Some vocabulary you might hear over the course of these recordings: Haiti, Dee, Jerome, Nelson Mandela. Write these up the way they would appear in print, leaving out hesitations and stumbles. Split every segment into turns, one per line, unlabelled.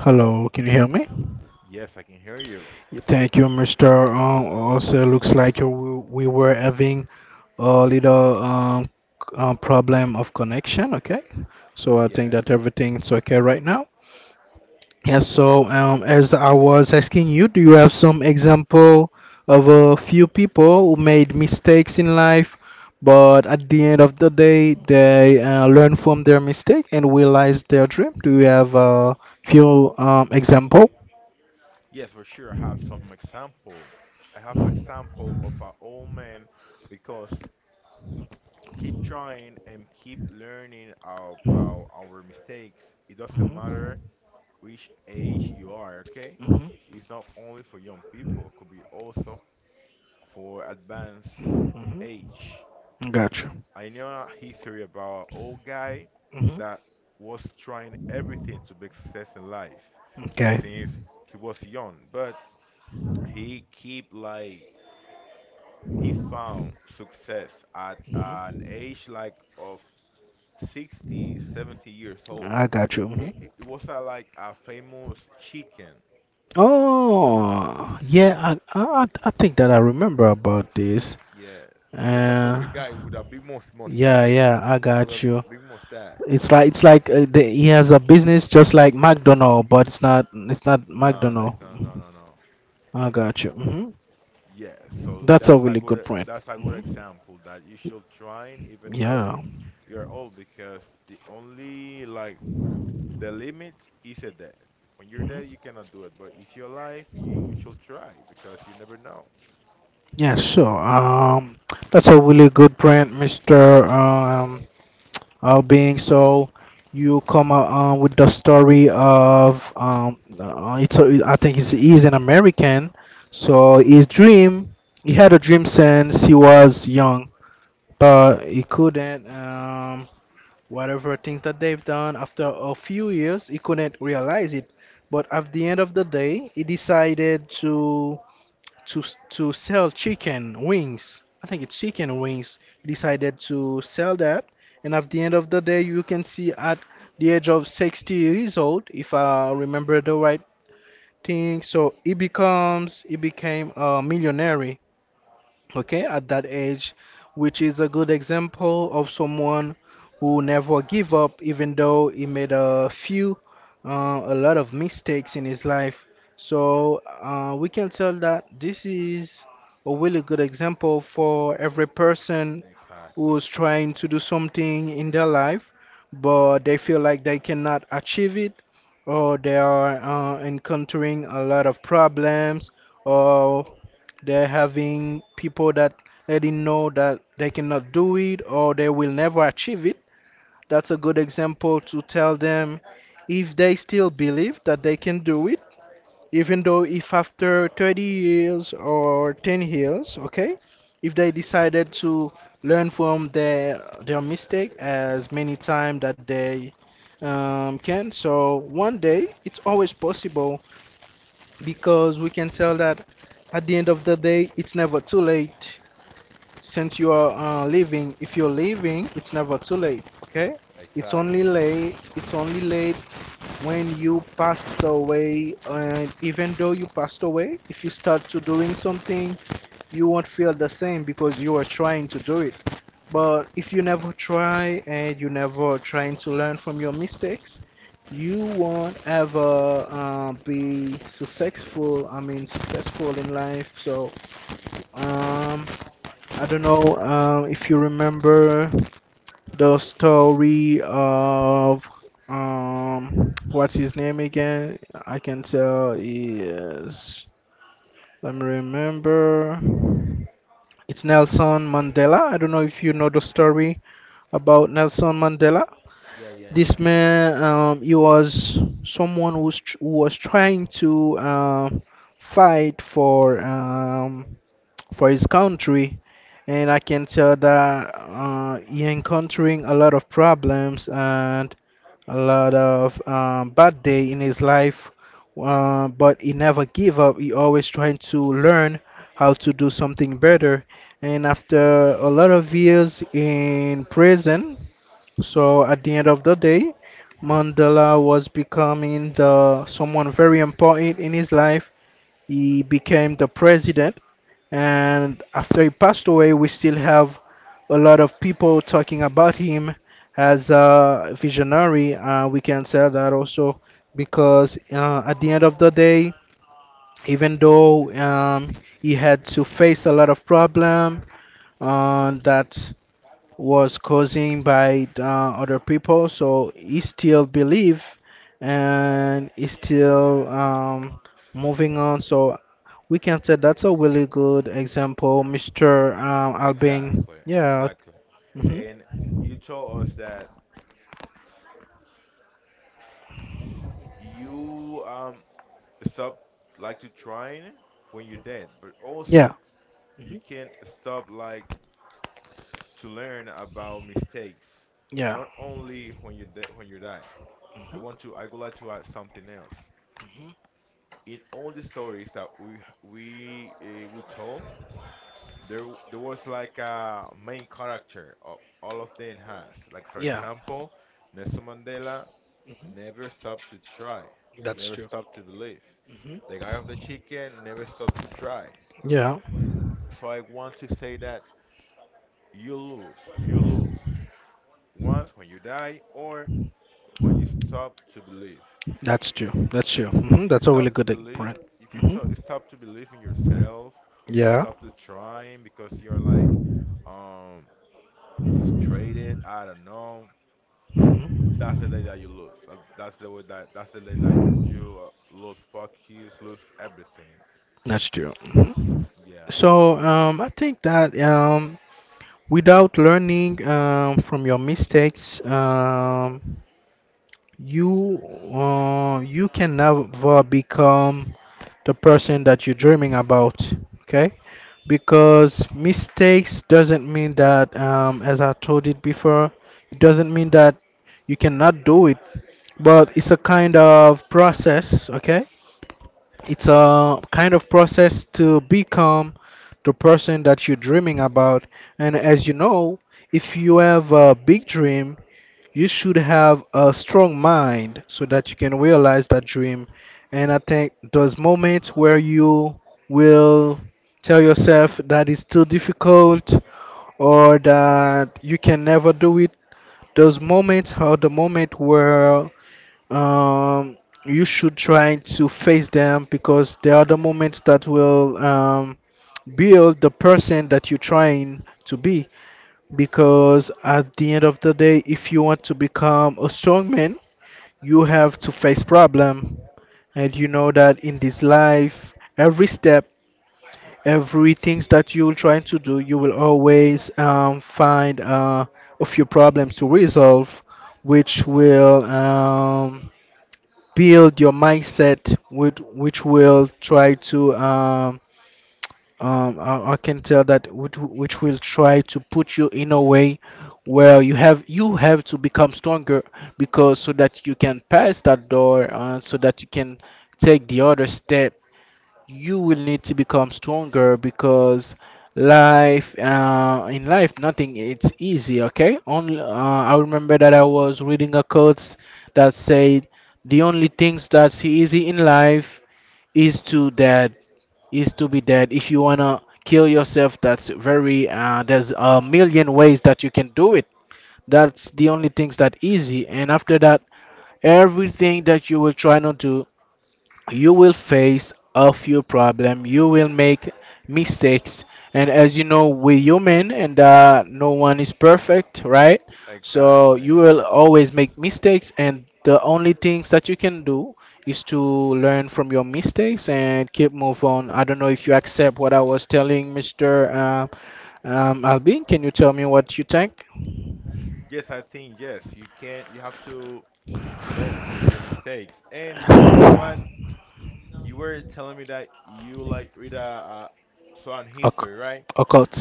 Hello, can you hear me?
Yes, I can hear you.
Thank you, Mr. Also, looks like we were having a little problem of connection, okay? So I think
Yes,
that
but
everything's okay right now. Yes, so as I was asking you, do you have some example of a few people who made mistakes in life, but at the end of the day, they learn from their mistake and realize their dream? Do you have a few example?
yes, for sure. I have some example. I have example of an old man because keep trying and keep learning about our mistakes. It doesn't matter which age you are. Okay,
Mhm.
it's not only for young people. It could be also for advanced
Mhm.
age.
Gotcha.
I know a history about an old guy
Mhm.
that was trying everything to make success in life
Okay.
since he was young, but he keep like he found
Mhm.
success at an age like of 60, 70 years old.
I got you. Mhm.
It was a, like a famous chicken.
Oh, yeah. I think that I remember about this.
Yeah, was a
Uh,
favorite guy with a big
yeah,
mustache.
yeah. I
You know, a
got you.
big mustache.
It's like he has a business just like McDonald, but it's not
No, no,
McDonald.
it's not. No,
Mhm.
no, no.
I got you. Hmm.
Yes, so
That's a really good point.
that's a good
Hmm.
example that you should try even though
Yeah.
you're old because the only like the limit is a death. When you're dead,
Mm-hmm.
you cannot do it, but if you're alive, you should try because you never know.
Yeah, so that's a really good point, Mr. Albing. So you come with the story of I think he's an American. So his dream, he had a dream since he was young, but he couldn't. Whatever things that they've done after a few years, he couldn't realize it. But at the end of the day, he decided to sell chicken wings. I think it's chicken wings. He decided to sell that, and at the end of the day, you can see at the age of 60 years old, if I remember the right thing. So he became a millionaire, okay, at that age, which is a good example of someone who never give up, even though he made a lot of mistakes in his life. So we can tell that this is a really good example for every person
Exactly.
who's trying to do something in their life, but they feel like they cannot achieve it, or they are encountering a lot of problems, or they're having people that letting know that they cannot do it or they will never achieve it. That's a good example to tell them if they still believe that they can do it, even though if after 30 years or 10 years, okay, if they decided to learn from their mistake as many time that they can. So one day it's always possible, because we can tell that at the end of the day it's never too late since you are living. If you're living, it's never too late, okay. it's only
Exactly.
late it's only late when you passed away. And even though you passed away, if you start to doing something, you won't feel the same because you are trying to do it. But if you never try and you never trying to learn from your mistakes, you won't ever be successful I mean successful in life. So um I don't know, if you remember the story of what's his name again? I can tell is, let me remember. It's Nelson Mandela. I don't know if you know the story about Nelson Mandela.
Yeah, yeah,
This
yeah.
man, he was who was trying to fight for his country, and I can tell that he encountering a lot of problems and a lot of bad day in his life, but he never give up. He always trying to learn how to do something better. And after a lot of years in prison, so at the end of the day, Mandela was becoming the someone very important in his life. He became the president, and after he passed away, we still have a lot of people talking about him as a visionary. We can say that also because at the end of the day, even though he had to face a lot of problem that was causing by other people. So he still believe and he still moving on. So we can say that's a really good example, Mr. Albin.
Exactly.
Yeah.
Exactly.
Hmm.
And you told us that you stop like to trying when you're dead, but also
Yeah.
you
Mhm.
can stop like to learn about mistakes,
Yeah.
not only when when you die.
Mhm.
I would like to add something else. In all the stories that we told, there was like a main character. Of, all of them has like for
Yeah.
example, Nelson Mandela
Mhm.
never stopped to try,
That's
never
true.
stopped to believe.
Mhm.
The guy of the chicken never stopped to try.
Yeah.
So I want to say that you lose once when you die, or when you stop to believe.
That's true. That's true. Hmm.
If you
That's a really
stop to
good e-
believe,
point.
if you
Hmm.
to, stop to believe in yourself or
Yeah.
stop to trying because you're like um frustrated, I don't know,
Mhm.
that's the day that you lose. That's the day that you lose focus, lose everything.
That's true. Mhm.
Yeah.
So I think that without learning from your mistakes, you you can never become the person that you're dreaming about. Okay, because mistakes doesn't mean that, as I told it before, it doesn't mean that you cannot do it, but it's a kind of process. Okay, it's a kind of process to become the person that you're dreaming about. And as you know, if you have a big dream, you should have a strong mind so that you can realize that dream. And I think those moments where you will tell yourself that it's too difficult or that you can never do it, those moments are the moment where um you should try to face them, because they are the moments that will build the person that you're trying to be. Because at the end of the day, if you want to become a strong man, you have to face problem. And you know that in this life every step, everything that you're trying to do, you will always find a few problems to resolve, which will build your mindset, which will try to I can tell that which will try to put you in a way where you have to become stronger, because so that you can pass that door, so that you can take the other step. You will need to become stronger, because life in life nothing it's easy, okay. only I remember that I was reading a quote that said the only things that's easy in life is to be dead. If you wanna kill yourself, that's very there's a million ways that you can do it. That's the only things that easy, and after that, everything that you will try not to you will face a few problems, you will make mistakes. And as you know, we're human, and no one is perfect, right? So
Exactly,
you will
exactly.
always make mistakes, and the only things that you can do is to learn from your mistakes and keep move on. I don't know if you accept what I was telling, Mr. Albin. Can you tell me what you think?
Yes, I think yes, you can you have to learn from your mistakes. And you know what? You were telling me that you like read a, so on
Occ-
history, right?
occults.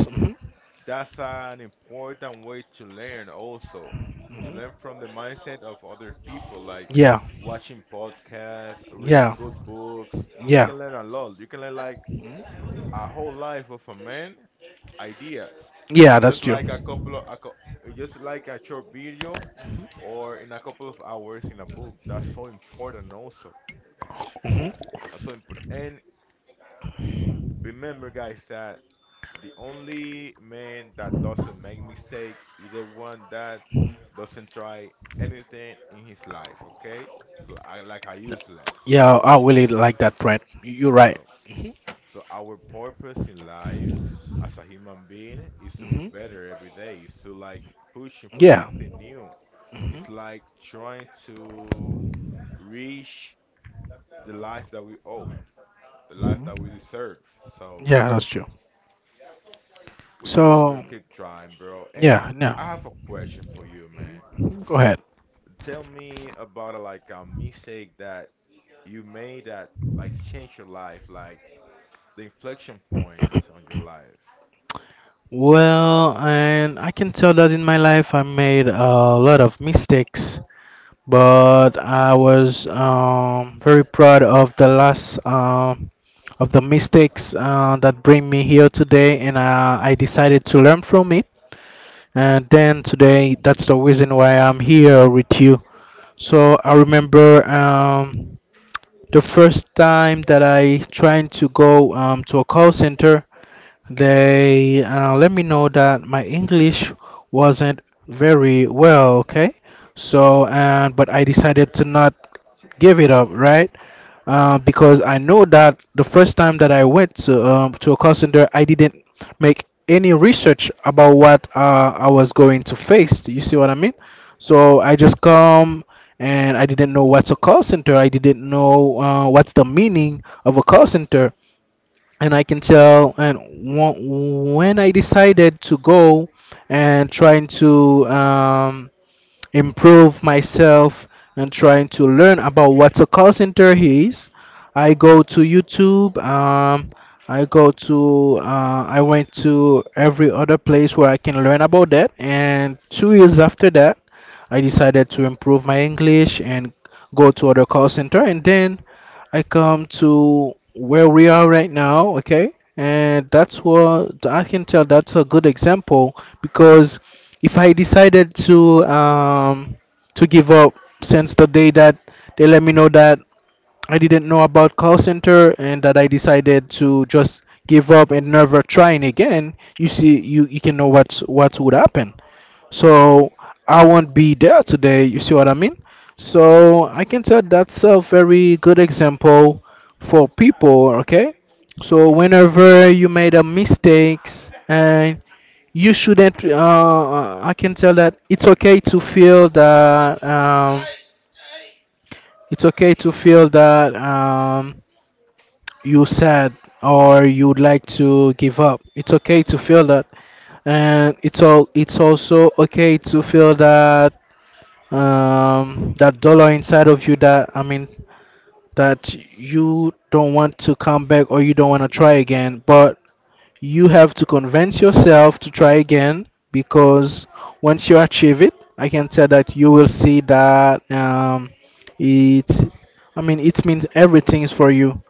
That's an important way to learn also, to
Mhm, mhm.
learn from the mindset of other people, like
Yeah,
watching podcasts, reading
yeah.
good books. You
Yeah.
can learn a lot. You can learn like
Hmm.
a whole life of a man ideas
Yeah,
in
that's
just
true.
like a couple of a, cou- in just like a short video or in a couple of hours in a book. That's so important also.
Hmm.
That's so important. And remember, guys, that the only man that doesn't make mistakes is the one that doesn't try anything in his life, okay? So I like I useless.
Yeah,
So
I really like that brand. You're right.
so
Hmm.
so our purpose in life as a human being is to be
Hmm.
better every day. Is to like pushing for
Yeah.
something new.
Hmm.
It's like trying to reach the life that we owe, the life that
Hmm.
we deserve. So
Yeah, that's true.
we should never
So,
keep trying, bro. And
yeah, no.
I have a question for you, man.
Mhm. Go ahead.
Tell me about a, like a mistake that you made that like changed your life, like the inflection point on your life.
Well, and I can tell that in my life I made a lot of mistakes, but I was very proud of the last of the mistakes that bring me here today, and I decided to learn from it. And then today, that's the reason why I'm here with you. So I remember the first time that I tried to go to a call center. They let me know that my English wasn't very well, okay? So, and but I decided to not give it up, right? Because I know that the first time that I went to a call center, I didn't make any research about what I was going to face. You see what I mean? So I just come and I didn't know what's a call center. I didn't know what's the meaning of a call center, and I can tell. And when I decided to go and trying to improve myself and trying to learn about what a call center is. I go to YouTube. I go to. I went to every other place where I can learn about that. And two years after that, I decided to improve my English and go to other call center. And then I come to where we are right now. Okay, and that's what I can tell. That's a good example because if I decided to give up since the day that they let me know that I didn't know about call center and that I decided to just give up and never trying again, you see you can know what would happen. So I won't be there today, you see what I mean? So I can tell that's a very good example for people, okay? So whenever you made a mistakes and you shouldn't I can tell that it's okay to feel that it's okay to feel that, you sad or you would like to give up. It's okay to feel that, and it's also okay to feel that, that dollar inside of you, that that you don't want to come back or you don't want to try again. But you have to convince yourself to try again, because once you achieve it, I can tell that you will see it, I mean, it means everything is for you.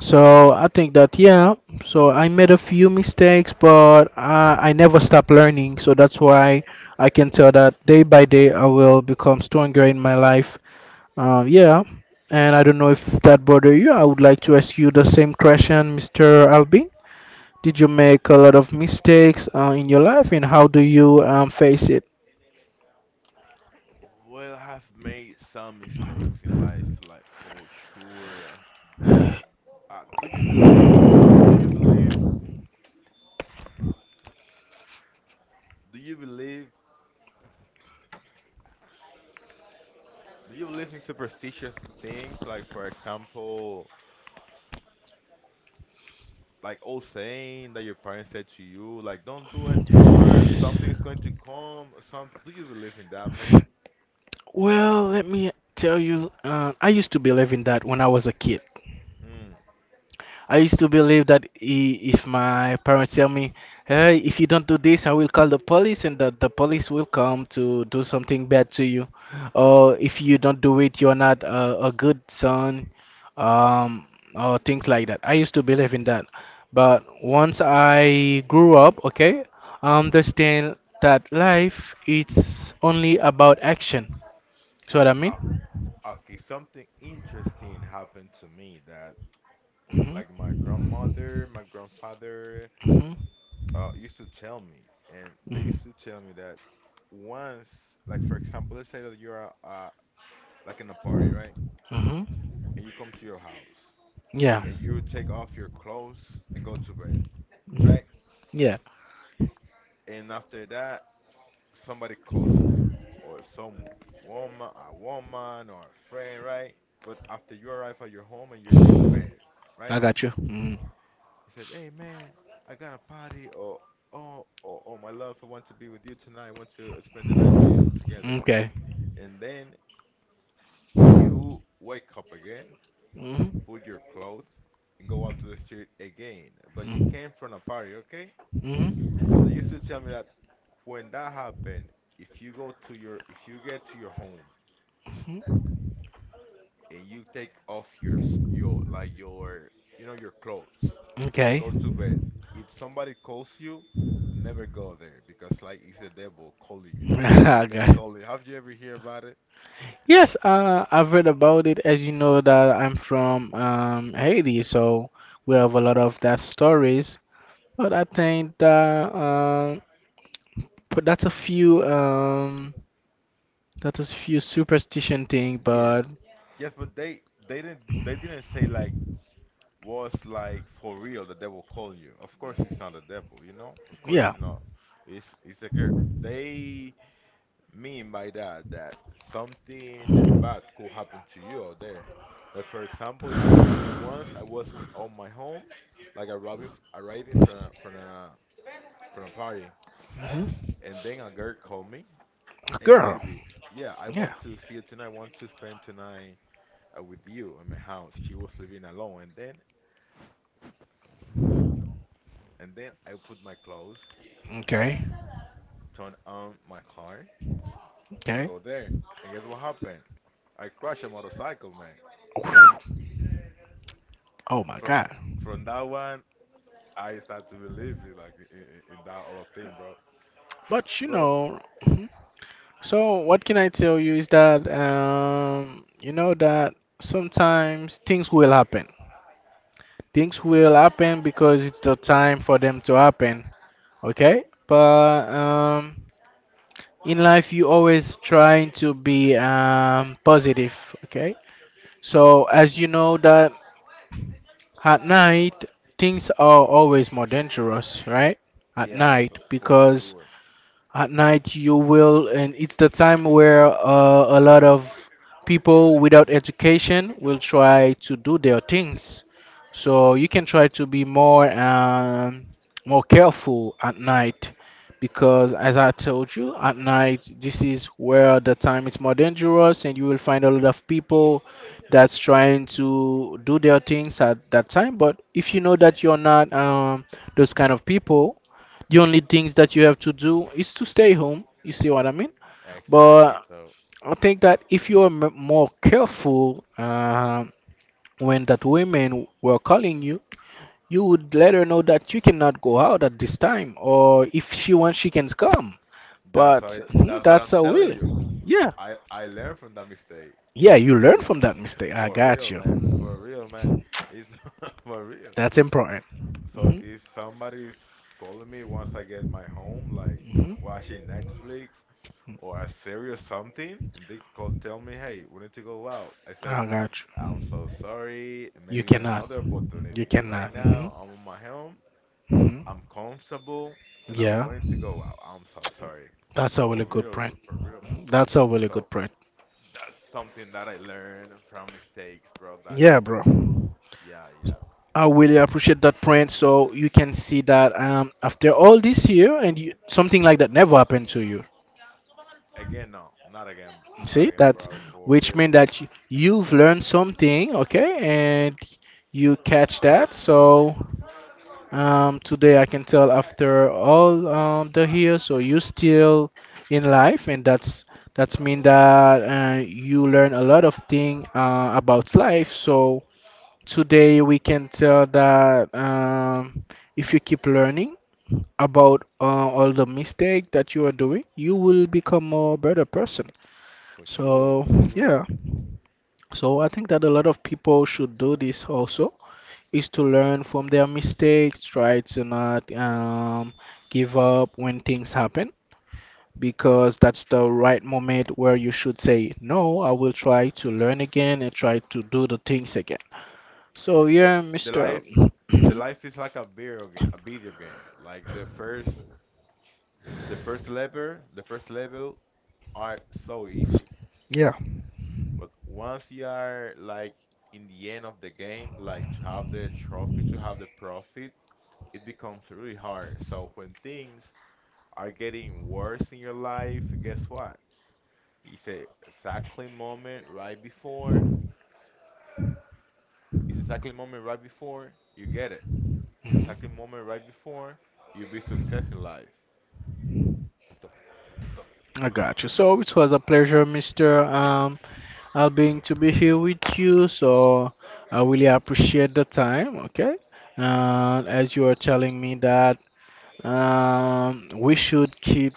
So I think that, yeah, so I made a few mistakes, but I never stop learning. So that's why I can tell that day by day I will become stronger in my life. Yeah, and I don't know if that bother you. I would like to ask you the same question, Mr. Albin. Did you make a lot of mistakes in your life, and how do you face it?
Well, I've made some mistakes in life, like for sure. Do you believe? Do you believe? Do you believe? Do you believe in superstitious things? Like, for example, like old saying that your parents said to you, like "Don't do it," or something's going to come. Some. Do you believe in that, man?
Well, let me tell you, I used to believe in that when I was a kid.
Mm.
I used to believe that if my parents tell me, "Hey, if you don't do this, I will call the police, and that the police will come to do something bad to you, or if you don't do it, you're not a good son, um, or things like that." I used to believe in that, but once I grew up, okay, I understand that life it's only about action. So what I mean?
Uh, Okay, something interesting happened to me that, like,
hmm
my grandmother, my grandfather,
hmm
used to tell me, and they used to tell me that once, like, for example, let's say that you're, like, in a party, right?
hmm
And you come to your house,
Yeah.
and you take off your clothes and go to bed,
Mhm.
right?
Yeah,
And after that, somebody calls you, or some woman, a woman, or a friend, right? But after you arrive at your home and you're be on bed,
I
right?
got you. Mm.
He said, "Hey man, I got a party. Oh, oh, my love, I want to be with you tonight. I want to spend the night to you together."
Okay.
And then you wake up again,
Mhm.
put your clothes, and go out to the street again. But you came from a party, okay? So
Mhm.
they used to tell me that when that happened, if you go to your, if you get to your home
Mhm.
and you take off your like your you know your clothes and
Okay.
go to bed. If somebody calls you, never go there because like it's a devil calling you or the
I got
death
it.
calling. Have you ever hear about it?
Yes,
What?
I've read about it. As you know, that I'm from Haiti, so we have a lot of that stories. But I think that but that's a few that is few superstition thing.
Yes,
But
yes, but they didn't say like was like for real the devil calling you. Of course it's not the devil, you know. Of course
yeah.
it's not. It's a girl. They mean by that that something bad could happen to you out there. Like for example, it happened to me once. I was on my home, like arriving from a party,
hmm
and then a girl called me, "Hey
Girl.
baby, yeah, I
Yeah.
want to see you tonight. I want to spend tonight with you in my house." She was living alone, and then I put my clothes,
Okay.
turn on my car, and
Okay.
go there. And guess what happened? I crashed a motorcycle, man.
Oh my
Fro-
God.
from that one, I start to believe it, like in that all of thing, bro.
But you
But
know. Mhm. So what can I tell you is that, you know, that sometimes things will happen. Things will happen because it's the time for them to happen. Okay. But, in life, you always trying to be positive. Okay. So as you know that at night things are always more dangerous, right? At
yeah,
night
for
because
sure,
at night you will, and it's the time where a lot of people without education will try to do their things. So you can try to be more more careful at night because, as I told you, at night this is where the time is more dangerous, and you will find a lot of people that's trying to do their things at that time. But if you know that you're not those kind of people, the only things that you have to do is to stay home. You see what I mean?
exactly.
But
So
I think that if you are more careful when that women were calling you, you would let her know that you cannot go out at this time, or if she wants, she can come. But hmm,
that's what
that's
I'm
a
telling
really,
you.
yeah,
I learned from that mistake.
yeah. You learn
It's
from that mistake. I
for
got
real,
you.
man. For real, man. It's for real.
That's important.
So
hmm
if somebody's calling me once I get my home, like
hmm
watching Netflix or a serious something, and they called, tell me, "Hey, we need to go out." I said,
I got you.
"I'm so sorry.
You
Maybe in
cannot.
another
You
opportunity. Right
cannot.
now, I'm on my home. I'm
Hmm
comfortable, and I'm
Yeah,
going to go out. I'm so sorry.
that's a really
For
good
real,
print.
bro. For real."
That's a really
So
good print.
that's something that I learned from mistakes, bro. That
Yeah, bro.
yeah, yeah.
I really appreciate that print. So you can see that, after all this year, and you, something like that never happened to you.
Again, no, not again, not
See,
again,
that's
bro. For
which
real,
means that you've learned something, okay, and you catch that. So. Today I can tell after all the years, so you still in life, and that's mean that you learn a lot of thing about life. So today we can tell that, if you keep learning about, all the mistake that you are doing, you will become a better person.
for sure,
So
for sure.
yeah, so I think that a lot of people should do this also is to learn from their mistakes, try to not give up when things happen, because that's the right moment where you should say, no, I will try to learn again and try to do the things again. So,
It,
yeah,
the
Mr.
life the
Mhm.
life is like a video game. Like the first level, the first level are so easy,
Yeah.
but once you are like in the end of the game, like to have the trophy, to have the profit, it becomes really hard. So when things are getting worse in your life, guess what? It's a exactly moment right before. It's exactly moment right before you get it. It's exactly moment right before you be success in life. So,
I got you. So it was a pleasure, Mr. Albin, to be here with you. So I really appreciate the time. Okay. And as you are telling me that, we should keep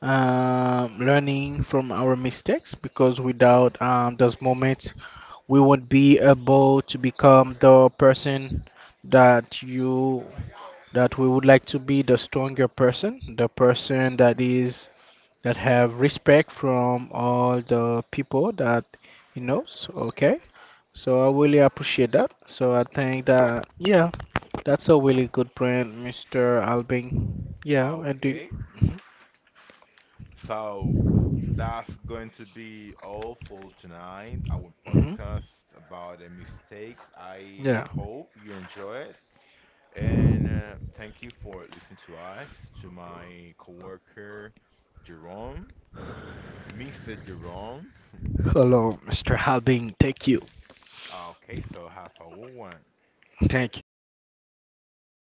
learning from our mistakes, because without those moments, we won't be able to become the person that you that we would like to be, the stronger person, the person that is that have respect from all the people that he knows. Okay, so I really appreciate that. So I think that yeah. That's a really good brand, Mr. Albing. Yeah, and do.
okay. So that's going to be all for tonight. Our
hmm
podcast about the mistakes. I
Yeah.
hope you enjoy it. And thank you for listening to us, to my coworker Jerome, Mr. Jerome.
Hello, Mr. Albing. Thank you.
Okay, so have a good one.
Thank you.